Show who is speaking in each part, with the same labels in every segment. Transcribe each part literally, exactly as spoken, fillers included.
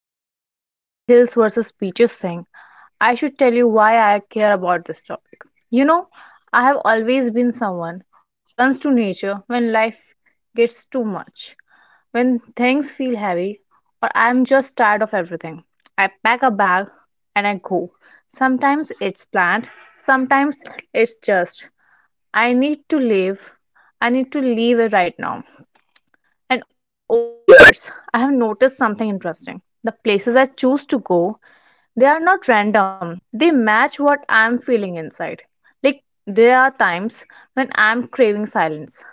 Speaker 1: into this whole hills versus beaches thing, I should tell you why I care about this topic. You know, I have always been someone who runs to nature when life gets too much, when things feel heavy, or I'm just tired of everything. I pack a bag and I go. Sometimes it's planned, sometimes it's just I need to leave. I need to leave it right now. And over the years, I have noticed something interesting. The places I choose to go, they are not random. They match what I'm feeling inside. Like there are times when I'm craving silence,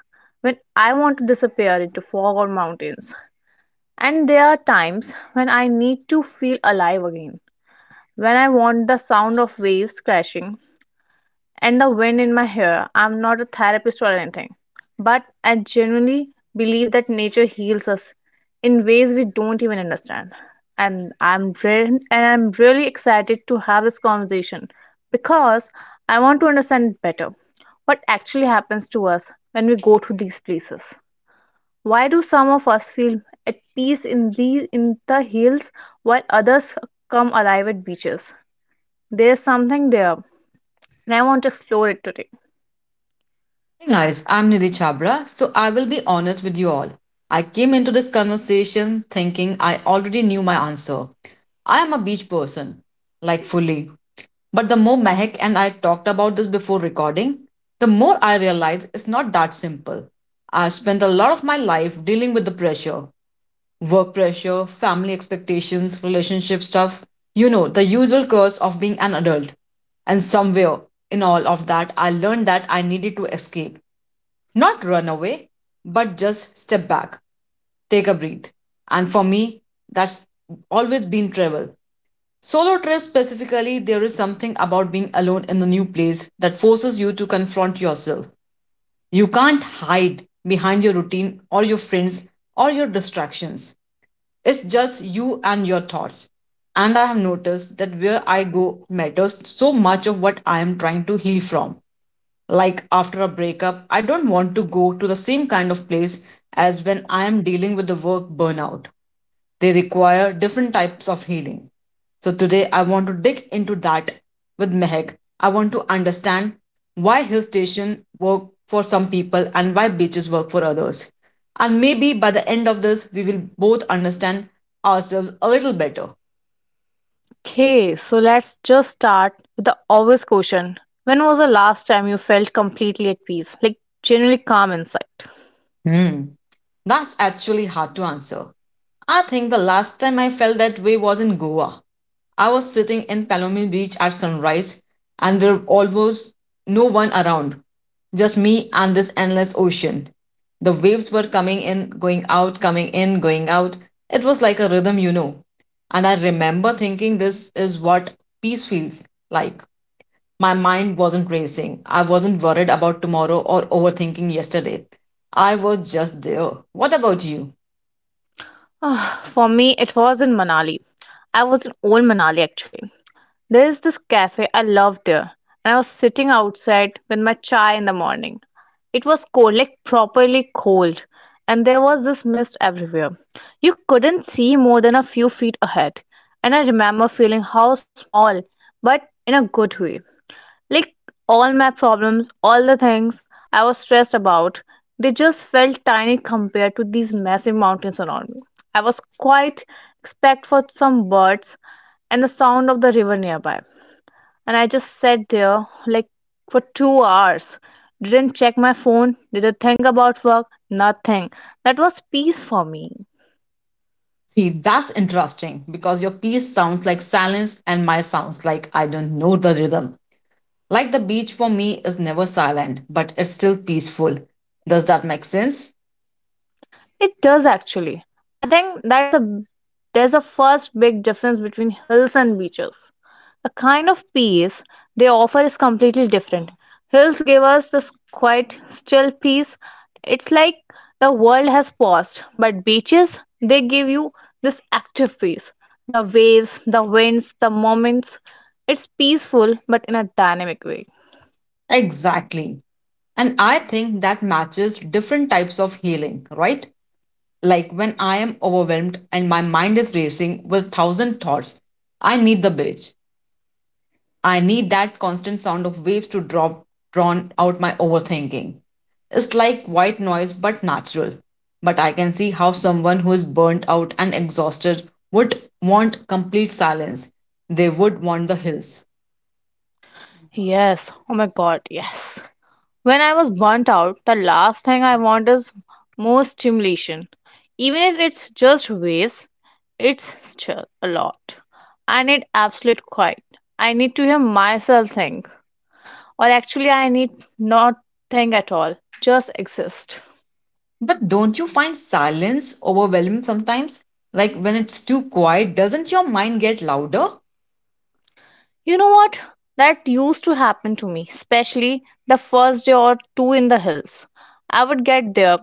Speaker 1: when I want to disappear into fog or mountains. And there are times when I need to feel alive again, when I want the sound of waves crashing and the wind in my hair. I'm not a therapist or anything, but I genuinely believe that nature heals us in ways we don't even understand. And I'm re- and I'm really excited to have this conversation because I want to understand better what actually happens to us when we go to these places. Why do some of us feel at peace in the in the hills while others come alive at beaches? There's something there, and I want to explore it today.
Speaker 2: Hey guys, I'm Nidhi Chhabra. so I will be honest with you all. I came into this conversation thinking I already knew my answer. I am a beach person, like fully. But the more Mehak and I talked about this before recording, the more I realized it's not that simple. I've spent a lot of my life dealing with the pressure, work pressure, family expectations, relationship stuff you know, the usual curse of being an adult. And somewhere in all of that, I learned that I needed to escape, not run away, but just step back, take a breath. And for me, that's always been travel. Solo trips specifically, there is something about being alone in a new place that forces you to confront yourself. You can't hide behind your routine or your friends or your distractions. It's just you and your thoughts. And I have noticed that where I go matters so much of what I am trying to heal from. Like after a breakup, I don't want to go to the same kind of place as when I am dealing with the work burnout. They require different types of healing. So today I want to dig into that with Mehak. I want to understand why hill station work for some people and why beaches work for others. And maybe by the end of this we will both understand ourselves a little better.
Speaker 1: Okay, so let's just start with the obvious question. When was the last time you felt completely at peace, like genuinely calm inside?
Speaker 2: Hmm. That's actually hard to answer. I think the last time I felt that way was in Goa. I was sitting in Palomini Beach at sunrise, and there almost no one around, just me and this endless ocean. The waves were coming in, going out, coming in, going out. It was like a rhythm, you know. And I remember thinking this is what peace feels like. My mind wasn't racing. I wasn't worried about tomorrow or overthinking yesterday. I was just there. What about you?
Speaker 1: Ah, for me, it was in Manali. I was in old Manali actually. There is this cafe I loved there, and I was sitting outside with my chai in the morning. It was cold, like properly cold, and there was this mist everywhere. You couldn't see more than a few feet ahead, and I remember feeling how small, but in a good way. Like all my problems, all the things I was stressed about, they just felt tiny compared to these massive mountains around me. I was quite expect for some birds and the sound of the river nearby. And I just sat there like for two hours. Didn't check my phone, didn't think about work, nothing. That was peace for me.
Speaker 2: See, that's interesting because your piece sounds like silence and my sounds like, I don't know, the rhythm. Like the beach for me is never silent, but it's still peaceful. Does that make sense?
Speaker 1: It does actually. I think that's a there's a first big difference between hills and beaches. The kind of peace they offer is completely different. Hills give us this quiet, still peace. It's like the world has paused, but beaches they give you this active peace. The waves, the winds, the moments. It's peaceful but in a dynamic way.
Speaker 2: Exactly. And I think that matches different types of healing, right? Like when I am overwhelmed and my mind is racing with thousand thoughts, I need the beach. I need that constant sound of waves to drop drown out my overthinking. It's like white noise but natural. But I can see how someone who is burnt out and exhausted would want complete silence. They would want the hills.
Speaker 1: Yes. Oh my god, yes. When I was burnt out, the last thing I want is more stimulation. Even if it's just waves, it's still a lot. I need absolute quiet. I need to hear myself think. Or actually, I need not think at all, just exist.
Speaker 2: But don't you find silence overwhelming sometimes? Like when it's too quiet, doesn't your mind get louder?
Speaker 1: You know what? That used to happen to me, especially the first day or two in the hills. I would get there,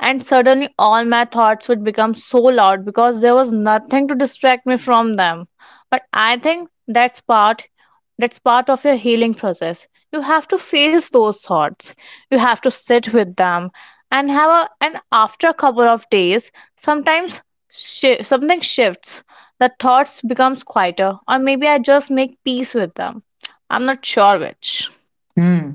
Speaker 1: and suddenly all my thoughts would become so loud because there was nothing to distract me from them. But I think that's part that's part of your healing process. You have to face those thoughts. You have to sit with them and have a and after a couple of days, sometimes shi something shifts. The thoughts becomes quieter or maybe I just make peace with them. I'm not sure which.
Speaker 2: Hmm.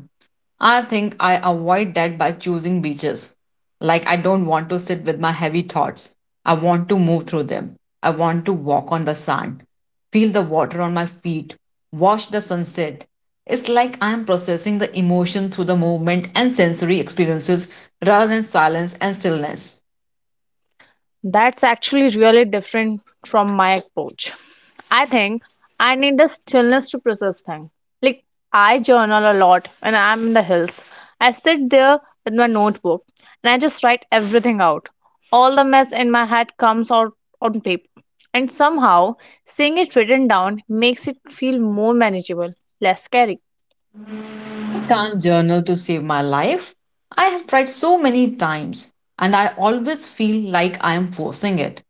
Speaker 2: I think I avoid that by choosing beaches. Like, I don't want to sit with my heavy thoughts. I want to move through them. I want to walk on the sand, feel the water on my feet, watch the sunset. It's like I'm processing the emotion through the movement and sensory experiences rather than silence and stillness.
Speaker 1: That's actually really different from my approach. I think I need the stillness to process things. Like, I journal a lot when I'm in the hills. I sit there with my notebook and I just write everything out. All the mess in my head comes out on paper. And somehow, seeing it written down makes it feel more manageable, less scary.
Speaker 2: Can't journal to save my life. I have tried so many times and I always feel like I am forcing it.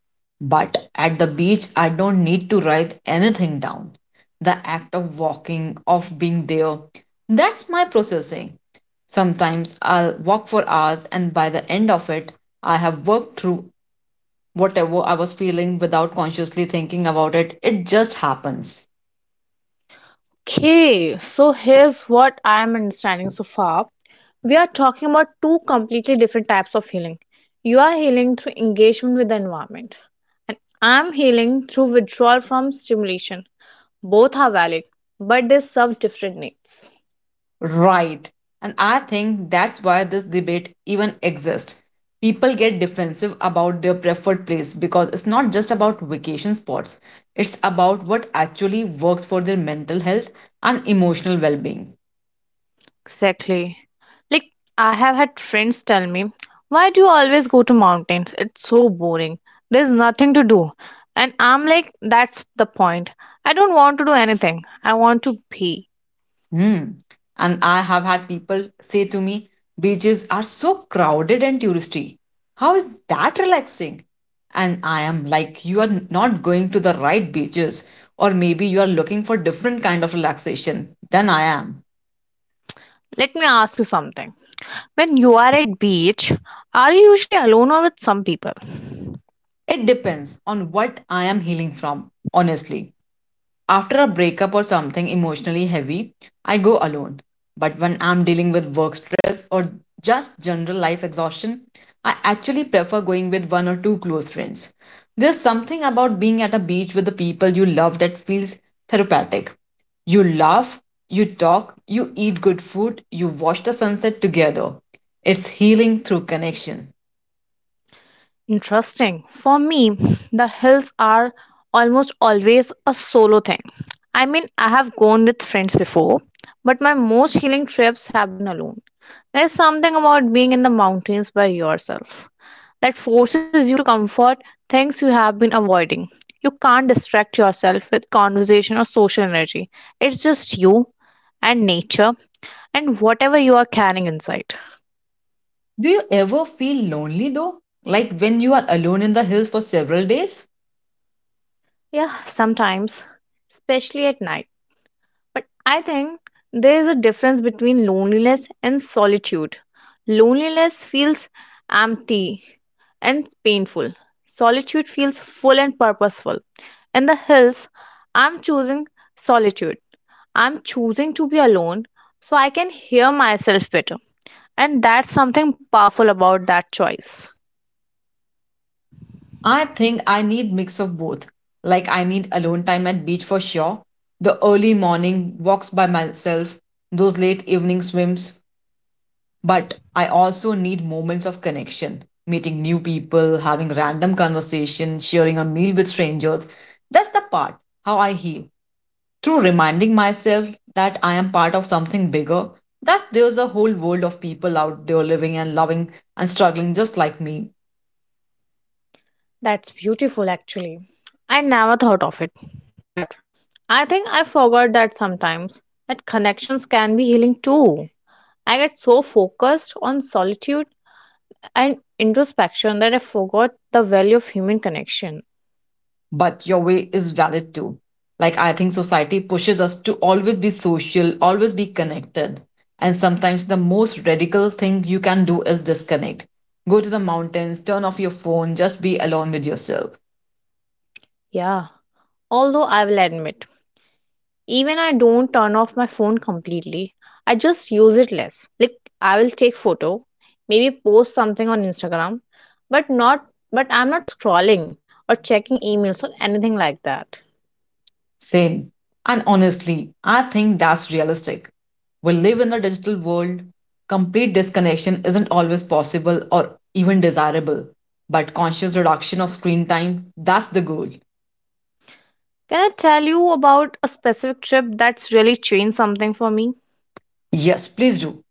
Speaker 2: But at the beach, I don't need to write anything down. The act of walking, of being there, that's my processing. Sometimes I'll walk for hours and by the end of it, I have worked through whatever I was feeling without consciously thinking about it. It just happens.
Speaker 1: Okay, so here's what I'm understanding so far. We are talking about two completely different types of healing. You are healing through engagement with the environment, and I'm healing through withdrawal from stimulation. Both are valid, but they serve different needs.
Speaker 2: Right. And I think that's why this debate even exists. People get defensive about their preferred place because it's not just about vacation spots, it's about what actually works for their mental health and emotional well being.
Speaker 1: Exactly. Like I have had friends tell me, "Why do you always go to mountains? It's so boring. There's nothing to do." And I'm like, "That's the point. I don't want to do anything. I want to be."
Speaker 2: Hmm. And I have had people say to me, beaches are so crowded and touristy. How is that relaxing? And I am like, you are not going to the right beaches, or maybe you are looking for different kind of relaxation than I am.
Speaker 1: Let me ask you something. When you are at beach, are you usually alone or with some people?
Speaker 2: It depends on what I am healing from, honestly. After a breakup or something emotionally heavy, I go alone. But when I'm dealing with work stress or just general life exhaustion, I actually prefer going with one or two close friends. There's something about being at a beach with the people you love that feels therapeutic. You laugh, you talk, you eat good food, you watch the sunset together. It's healing through connection.
Speaker 1: Interesting. For me, the hills are almost always a solo thing. I mean, I have gone with friends before, but my most healing trips have been alone. There's something about being in the mountains by yourself that forces you to comfort things you have been avoiding. You can't distract yourself with conversation or social energy. It's just you and nature and whatever you are carrying inside.
Speaker 2: Do you ever feel lonely though? Like when you are alone in the hills for several days?
Speaker 1: Yeah, sometimes, especially at night. But I think there is a difference between loneliness and solitude. Loneliness feels empty and painful, solitude feels full and purposeful. In the hills, I'm choosing solitude. I'm choosing to be alone so I can hear myself better. And that's something powerful about that choice.
Speaker 2: I think I need mix of both. Like I need alone time at beach for sure, the early morning walks by myself, those late evening swims, but I also need moments of connection, meeting new people, having random conversation, sharing a meal with strangers. That's the part how I heal, through reminding myself that I am part of something bigger, that there's a whole world of people out there living and loving and struggling just like me.
Speaker 1: That's beautiful, actually. I never thought of it that way. I think I forgot that sometimes that connections can be healing too. I get so focused on solitude and introspection that I forgot the value of human connection.
Speaker 2: But your way is valid too. Like, I think society pushes us to always be social, always be connected. And sometimes the most radical thing you can do is disconnect. Go to the mountains, turn off your phone, just be alone with yourself.
Speaker 1: Yeah, although I will admit even I don't turn off my phone completely. I just use it less. Like I will take photo, maybe post something on Instagram, but not but I'm not scrolling or checking emails or anything like that.
Speaker 2: Same. And honestly, I think that's realistic. We live in a digital world. Complete disconnection isn't always possible or even desirable. But conscious reduction of screen time, that's the goal.
Speaker 1: Can I tell you about a specific trip that's really changed something for me?
Speaker 2: Yes, please do.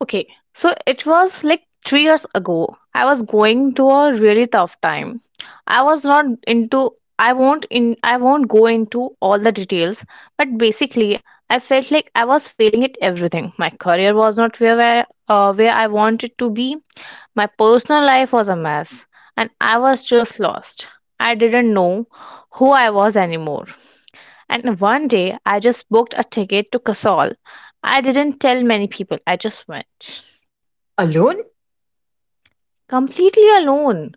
Speaker 1: Okay, so it was like three years ago. I was going to a really tough time. I was not into I won't in I won't go into all the details, but basically I felt like I was failing at everything. My career was not where where, uh, where I wanted to be. My personal life was a mess, and I was just lost. I didn't know who I was anymore. And one day, I just booked a ticket to Kasol. I didn't tell many people, I just went
Speaker 2: Alone?
Speaker 1: completely alone.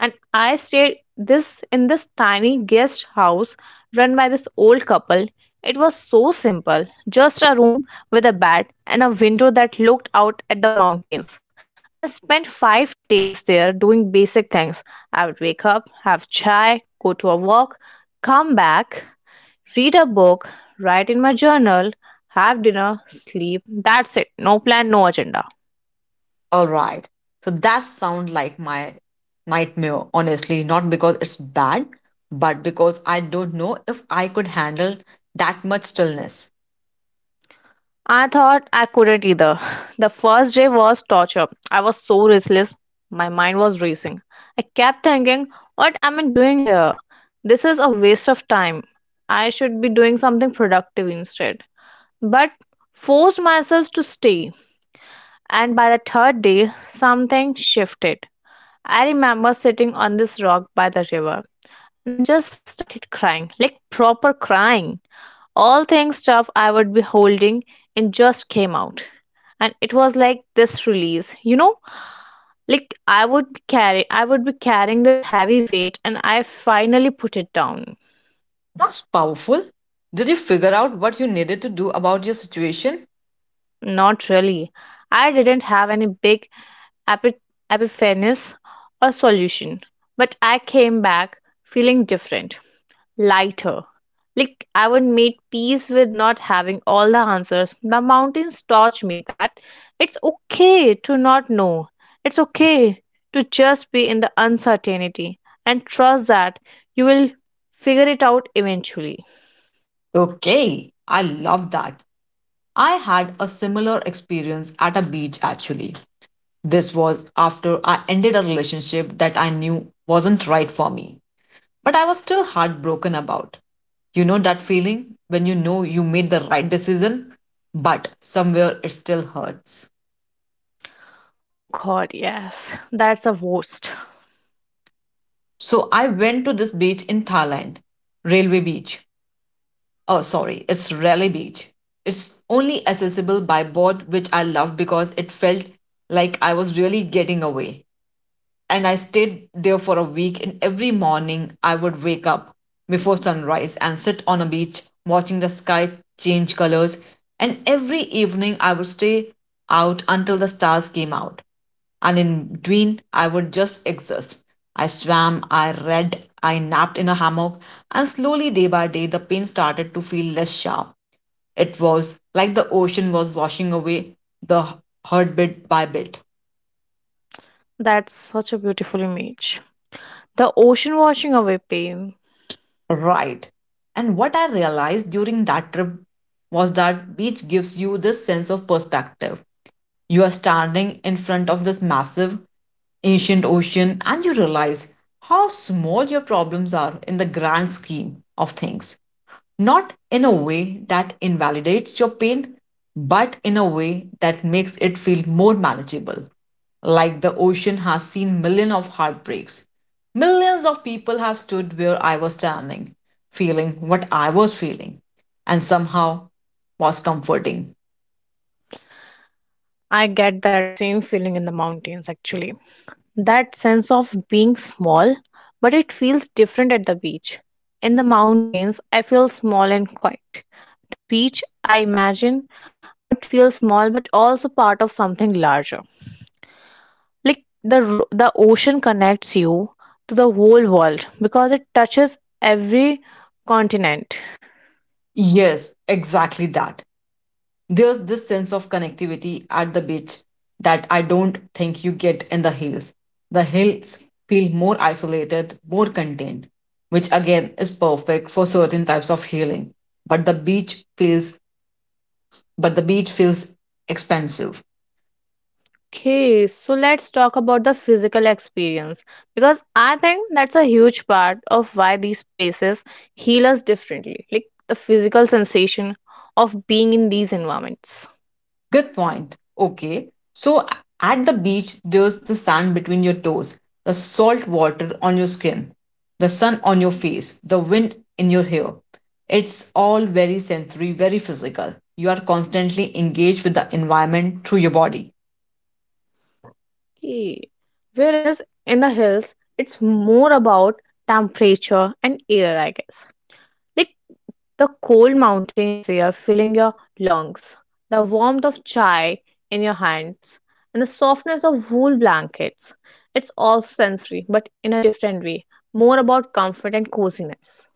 Speaker 1: And I stayed this in this tiny guest house run by this old couple. It was so simple, just a room with a bed and a window that looked out at the mountains. And I spent five days there doing basic things. I would wake up, have chai, go to a walk, come back, read a book, write in my journal, have dinner, sleep. That's it. No plan, no agenda.
Speaker 2: All right. So that sounds like my nightmare, honestly, not because it's bad, but because I don't know if I could handle that much stillness.
Speaker 1: I thought I couldn't either. The first day was torture. I was so restless. My mind was racing. I kept thinking, what am I doing here? This is a waste of time. I should be doing something productive instead. But forced myself to stay. And by the third day, something shifted. I remember sitting on this rock by the river and I just started crying, like proper crying. All things stuff I would be holding and just came out. And it was like this release, you know, like I would be carry I would be carrying this heavy weight and I finally put it down.
Speaker 2: That's powerful. Did you figure out what you needed to do about your situation?
Speaker 1: Not really. I didn't have any big epi- epiphanies or solution, but I came back feeling different, lighter. Like, I would make peace with not having all the answers. The mountains taught me that it's okay to not know, it's okay to just be in the uncertainty and trust that you will figure it out eventually.
Speaker 2: Okay, I love that. I had a similar experience at a beach actually. This was after I ended a relationship that I knew wasn't right for me, but I was still heartbroken about. You know that feeling when you know you made the right decision, but somewhere it still hurts.
Speaker 1: Oh god, yes, that's a worst.
Speaker 2: So I went to this beach in Thailand, Railway Beach. Oh, sorry, it's Raleigh Beach. It's only accessible by boat, which I love because it felt like I was really getting away, and I stayed there for a week. And every morning, I would wake up before sunrise and sit on a beach watching the sky change colors. And every evening, I would stay out until the stars came out. And in between, I would just exist. I swam, I read, I napped in a hammock, and slowly, day by day, the pain started to feel less sharp. It was like the ocean was washing away the hurt bit by bit.
Speaker 1: That's such a beautiful image. The ocean washing away pain.
Speaker 2: Right. And what I realized during that trip was that beach gives you this sense of perspective. You are standing in front of this massive, ancient ocean and you realize how small your problems are in the grand scheme of things, not in a way that invalidates your pain, but in a way that makes it feel more manageable. Like the ocean has seen millions of heartbreaks. Millions of people have stood where I was standing, feeling what I was feeling, and somehow was comforting.
Speaker 1: I get that same feeling in the mountains actually. That sense of being small, but it feels different at the beach. In the mountains, I feel small and quiet. The beach, I imagine, I would feel small but also part of something larger. Like the ro- the ocean connects you to the whole world because it touches every continent.
Speaker 2: Yes, exactly that. There's this sense of connectivity at the beach that I don't think you get in the hills. The hills feel more isolated, more contained, which again is perfect for certain types of healing. But the beach feels but the beach feels expensive.
Speaker 1: Okay, so let's talk about the physical experience because I think that's a huge part of why these places heal us differently, like the physical sensation of being in these environments.
Speaker 2: Good point. Okay. So at the beach, there's the sand between your toes, the salt water on your skin, the sun on your face, the wind in your hair. It's all very sensory, very physical. You are constantly engaged with the environment through your body.
Speaker 1: Okay, whereas in the hills, it's more about temperature and air, I guess. Like the cold mountains air filling your lungs, the warmth of chai in your hands, and the softness of wool blankets. It's all sensory, but in a different way, more about comfort and coziness.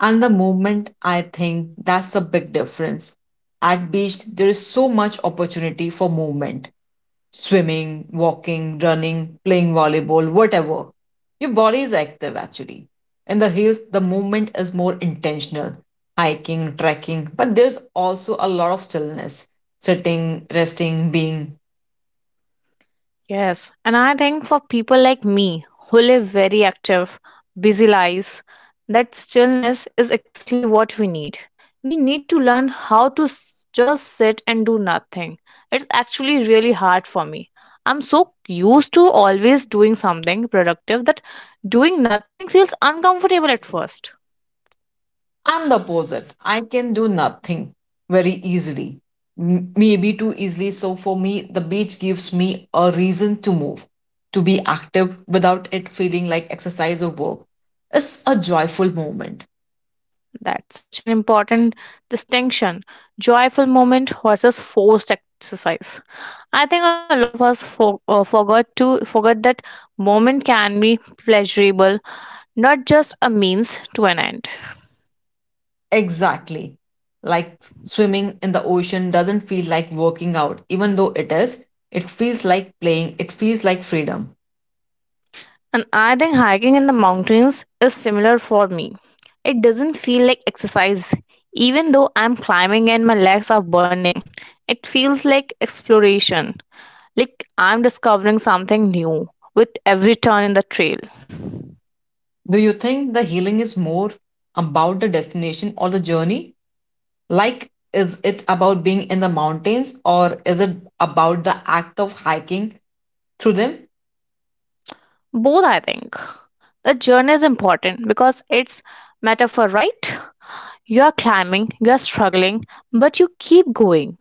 Speaker 2: And the movement, I think that's a big difference. At beach there is so much opportunity for movement, swimming, walking, running, playing volleyball, whatever. Your body is active actually. In the hills, the movement is more intentional, hiking, trekking, but there's also a lot of stillness, sitting, resting, being.
Speaker 1: Yes, and I think for people like me who live very active, busy lives, that stillness is exactly what we need. We need to learn how to s- just sit and do nothing. It's actually really hard for me. I'm so used to always doing something productive that doing nothing feels uncomfortable at first.
Speaker 2: I'm the opposite. I can do nothing very easily. M- Maybe too easily. So for me, the beach gives me a reason to move, to be active without it feeling like exercise or work. It's a joyful moment.
Speaker 1: That's such an important distinction, joyful moment versus forced exercise. I think a lot of us for, uh, forgot to forget that moment can be pleasurable, not just a means to an end.
Speaker 2: Exactly. Like swimming in the ocean doesn't feel like working out, even though it is. It feels like playing, it feels like freedom.
Speaker 1: And I think hiking in the mountains is similar for me. It doesn't feel like exercise, even though I'm climbing and my legs are burning. It feels like exploration, like I'm discovering something new with every turn in the trail.
Speaker 2: Do you think the healing is more about the destination or the journey? Like, is it about being in the mountains or is it about the act of hiking through them?
Speaker 1: Both, I think. The journey is important because it's metaphor, right? You are climbing, you are struggling, but you keep going.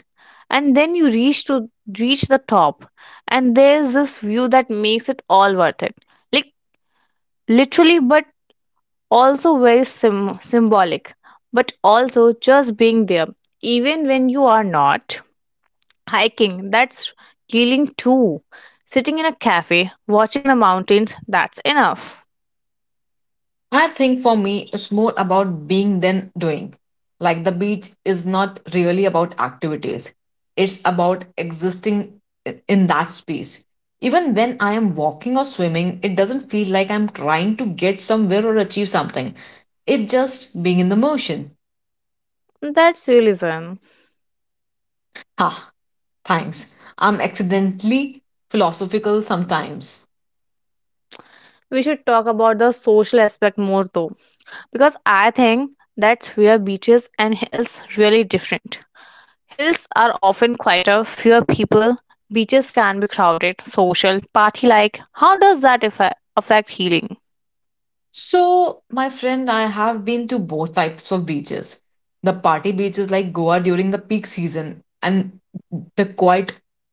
Speaker 1: And then you reach to reach the top. And there's this view that makes it all worth it. Like literally, but also very sim- symbolic. But also just being there, even when you are not. Hiking, that's healing too. Sitting in a cafe, watching the mountains, that's enough.
Speaker 2: I think for me, it's more about being than doing. Like, the beach is not really about activities, it's about existing i- in that space. Even when I am walking or swimming, it doesn't feel like I'm trying to get somewhere or achieve something. It's just being in the motion.
Speaker 1: That's realism.
Speaker 2: Ha, thanks. I'm accidentally philosophical sometimes.
Speaker 1: We should talk about the social aspect more though, because I think that's where beaches and hills really different. Hills are often quieter, fewer people, beaches can be crowded, social, party like. How does that affe- affect healing?
Speaker 2: So, my friend, I have been to both types of beaches. The party beaches like Goa during the peak season, and the quiet,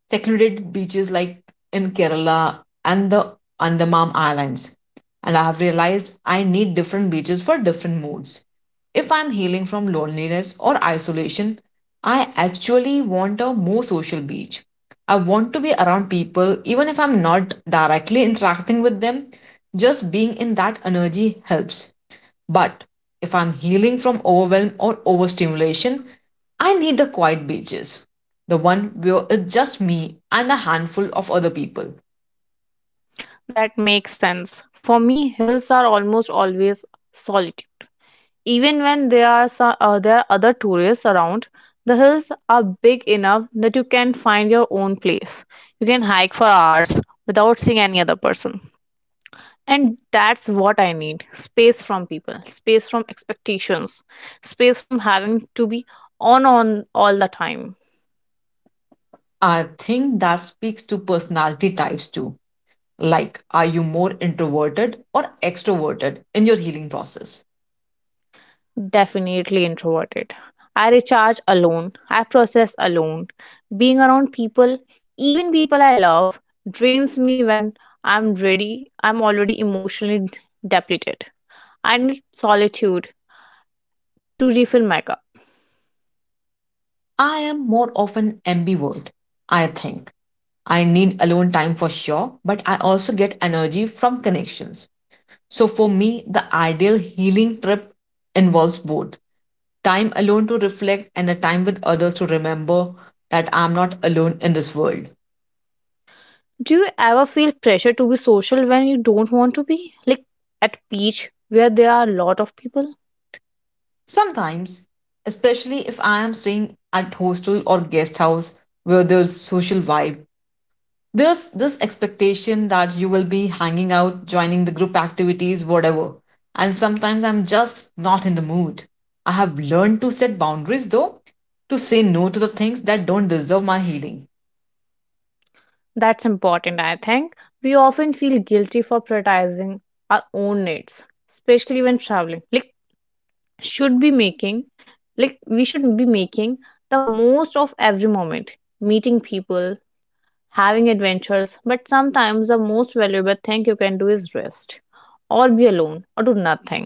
Speaker 2: secluded beaches like in Kerala and the Andaman Islands. And I have realized I need different beaches for different moods. If I'm healing from loneliness or isolation, I actually want a more social beach. I want to be around people even if I'm not directly interacting with them, just being in that energy helps. But if I'm healing from overwhelm or overstimulation, I need the quiet beaches. The one where it's just me and a handful of other people.
Speaker 1: That makes sense. For me, hills are almost always solitude. Even when there are so, uh, there are other tourists around, the hills are big enough that you can find your own place. You can hike for hours without seeing any other person. And that's what I need, space from people, space from expectations, space from having to be on on all the time.
Speaker 2: I think that speaks to personality types too. Like, are you more introverted or extroverted in your healing process?
Speaker 1: Definitely introverted. I recharge alone. I process alone. Being around people, even people I love, drains me when I'm ready. I'm already emotionally depleted. I need solitude to refill my cup.
Speaker 2: I am more often ambivert, I think. I need alone time for sure, but I also get energy from connections. So for me, the ideal healing trip involves both time alone to reflect and the time with others to remember that I'm not alone in this world.
Speaker 1: Do you ever feel pressure to be social when you don't want to be? Like at beach where there are a lot of people?
Speaker 2: Sometimes, especially if I am staying at hostel or guest house where there's social vibe, there's this expectation that you will be hanging out, joining the group activities, whatever. And sometimes I'm just not in the mood. I have learned to set boundaries though, to say no to the things that don't deserve my healing.
Speaker 1: That's important, I think. We often feel guilty for prioritizing our own needs, especially when traveling. Like should be making like we should be making the most of every moment, meeting people, having adventures, but sometimes the most valuable thing you can do is rest or be alone or do nothing.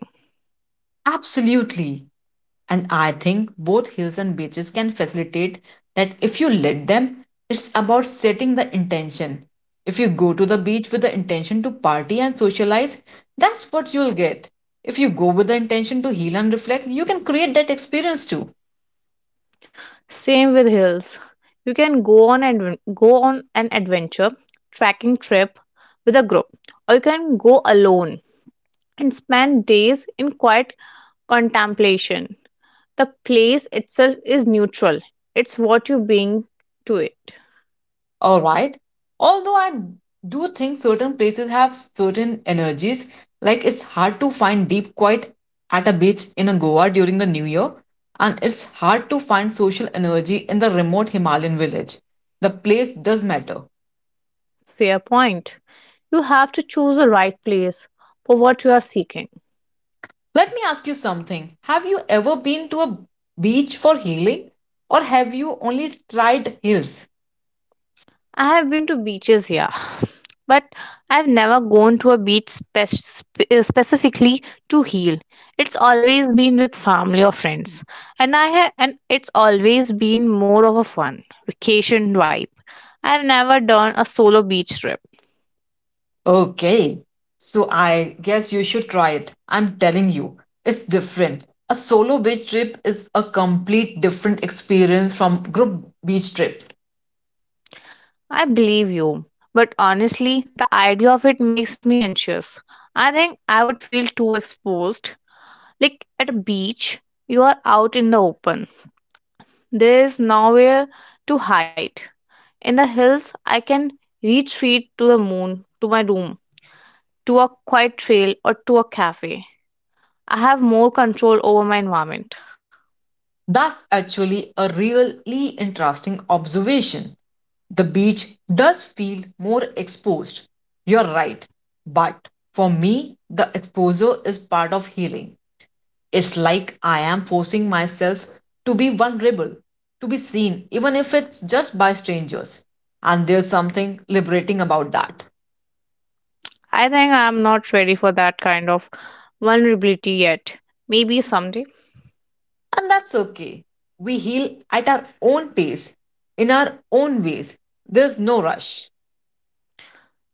Speaker 2: Absolutely. And I think both hills and beaches can facilitate that if you let them, it's about setting the intention. If you go to the beach with the intention to party and socialize, that's what you'll get. If you go with the intention to heal and reflect, you can create that experience too.
Speaker 1: Same with hills. You can go on and go on an adventure trekking trip with a group, or you can go alone and spend days in quiet contemplation. The place itself is neutral. It's what you bring to it.
Speaker 2: All right. Although I do think certain places have certain energies, like it's hard to find deep quiet at a beach in a Goa during the new year, and it's hard to find social energy in the remote Himalayan village. The place does matter.
Speaker 1: Fair point. You have to choose the right place for what you are seeking.
Speaker 2: Let me ask you something. Have you ever been to a beach for healing, or have you only tried hills?
Speaker 1: I have been to beaches, yeah, but I've never gone to a beach spec- spe- uh, specifically to heal. It's always been with family or friends, and I ha- and it's always been more of a fun vacation vibe. I've never done a solo beach trip.
Speaker 2: Okay. So I guess you should try it. I'm telling you, it's different. A solo beach trip is a complete different experience from group beach trip.
Speaker 1: I believe you, but honestly, the idea of it makes me anxious. I think I would feel too exposed. Like at a beach, you are out in the open. There is nowhere to hide. In the hills, I can reach feet to the moon, to my room, to a quiet trail, or to a cafe. I have more control over my environment.
Speaker 2: That's actually a really interesting observation. The beach does feel more exposed. You're right. But for me, the exposure is part of healing. It's like I am forcing myself to be vulnerable, to be seen, even if it's just by strangers. And there's something liberating about that.
Speaker 1: I think I am not ready for that kind of vulnerability yet. Maybe someday.
Speaker 2: And that's okay. We heal at our own pace, in our own ways. There's no rush.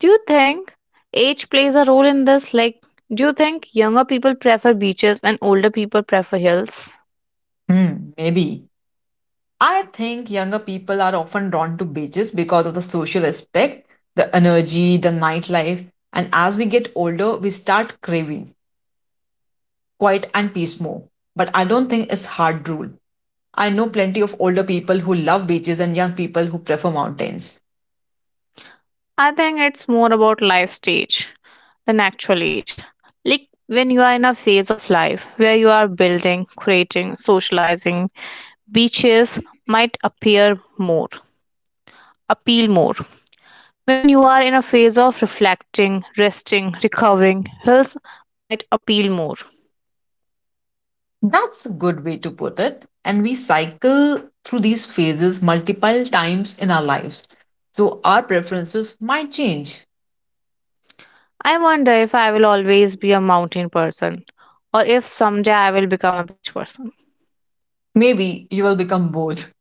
Speaker 1: Do you think age plays a role in this? Like, do you think younger people prefer beaches and older people prefer hills?
Speaker 2: Hmm, maybe. I think younger people are often drawn to beaches because of the social aspect, the energy, the nightlife. And as we get older, we start craving quiet and peace more. But I don't think it's hard rule. I know plenty of older people who love beaches and young people who prefer mountains.
Speaker 1: I think it's more about life stage than actual age. Like when you are in a phase of life where you are building, creating, socializing, beaches might appear more, appeal more. When you are in a phase of reflecting, resting, recovering, hills might appeal more.
Speaker 2: That's a good way to put it. And we cycle through these phases multiple times in our lives. So our preferences might change.
Speaker 1: I wonder if I will always be a mountain person or if someday I will become a beach person.
Speaker 2: Maybe you will become both.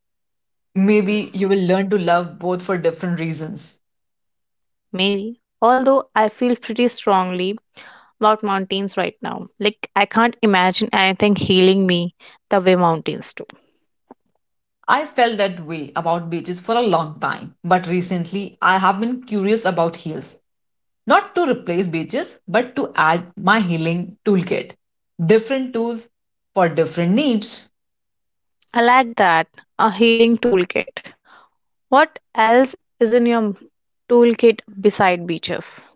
Speaker 2: Maybe you will learn to love both for different reasons.
Speaker 1: Maybe. Although I feel pretty strongly about mountains right now. Like, I can't imagine anything healing me the way mountains do.
Speaker 2: I felt that way about beaches for a long time, but recently I have been curious about heels. Not to replace beaches, but to add my healing toolkit. Different tools for different needs.
Speaker 1: I like that. A healing toolkit. What else is in your toolkit beside beaches?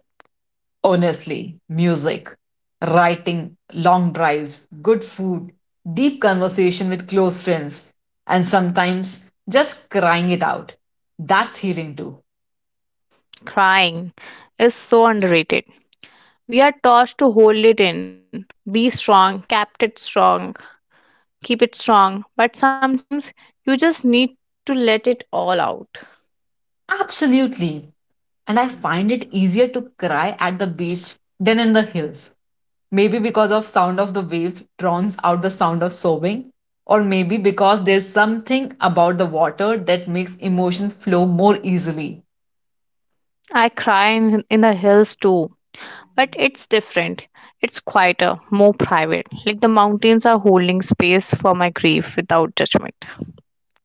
Speaker 2: Honestly, music, writing, long drives, good food, deep conversation with close friends, and sometimes just crying it out. That's healing too.
Speaker 1: Crying is so underrated. We are taught to hold it in, be strong, kept it strong, keep it strong. But sometimes you just need to let it all out.
Speaker 2: Absolutely. And I find it easier to cry at the beach than in the hills. Maybe because of sound of the waves drowns out the sound of sobbing, or maybe because there's something about the water that makes emotion flow more easily.
Speaker 1: I cry in, in the hills too, but it's different. It's quieter, more private. Like the mountains are holding space for my grief without judgment.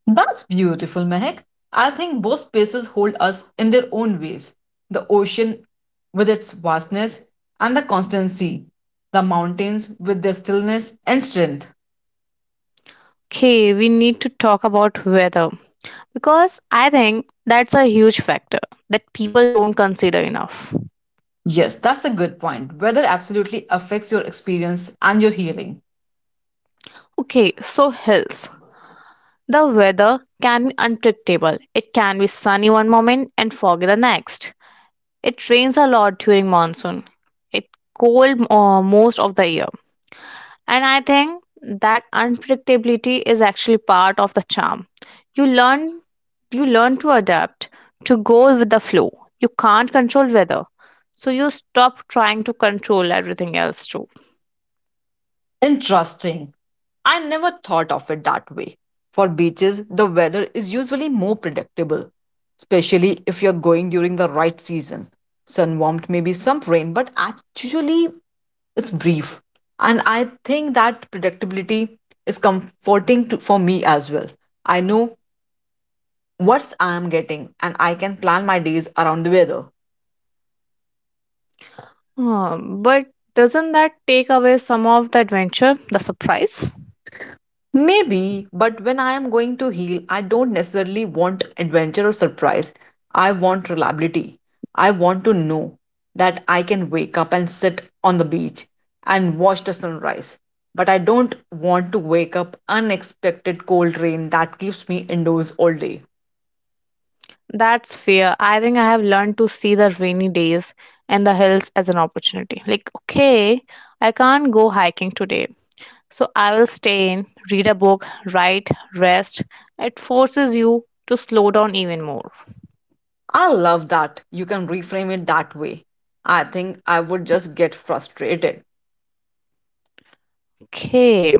Speaker 2: That's beautiful, Mehak. I think both spaces hold us in their own ways. The ocean with its vastness and the constancy, the mountains with their stillness and strength.
Speaker 1: Okay, we need to talk about weather because I think that's a huge factor that people don't consider enough.
Speaker 2: Yes, that's a good point. Weather absolutely affects your experience and your healing.
Speaker 1: Okay, so hills. The weather can be unpredictable. It can be sunny one moment and foggy the next. It rains a lot during monsoon. It cold uh, most of the year. And I think that unpredictability is actually part of the charm. You learn you learn to adapt, to go with the flow. You can't control weather. So you stop trying to control everything else too.
Speaker 2: Interesting. I never thought of it that way. For beaches, the weather is usually more predictable, especially if you're going during the right season. Sun warmth, maybe some rain, but actually it's brief. And I think that predictability is comforting to, for me as well. I know what I'm getting and I can plan my days around the weather.
Speaker 1: Um, but doesn't that take away some of the adventure, the surprise?
Speaker 2: Maybe, but when I am going to heal, I don't necessarily want adventure or surprise. I want reliability. I want to know that I can wake up and sit on the beach and watch the sunrise. But I don't want to wake up unexpected cold rain that keeps me indoors all day.
Speaker 1: That's fair. I think I have learned to see the rainy days and the hills as an opportunity. Like, okay, I can't go hiking today. So I will stay in, read a book, write, rest. It forces you to slow down even more.
Speaker 2: I love that you can reframe it that way. I think I would just get frustrated.
Speaker 1: Okay.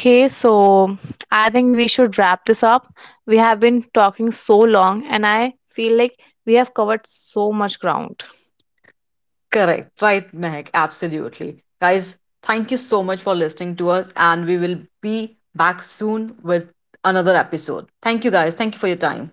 Speaker 1: Okay, so I think we should wrap this up. We have been talking so long, and I feel like we have covered so much ground.
Speaker 2: Correct. Right, Mehak. Absolutely. Guys, thank you so much for listening to us, and we will be back soon with another episode. Thank you, guys. Thank you for your time.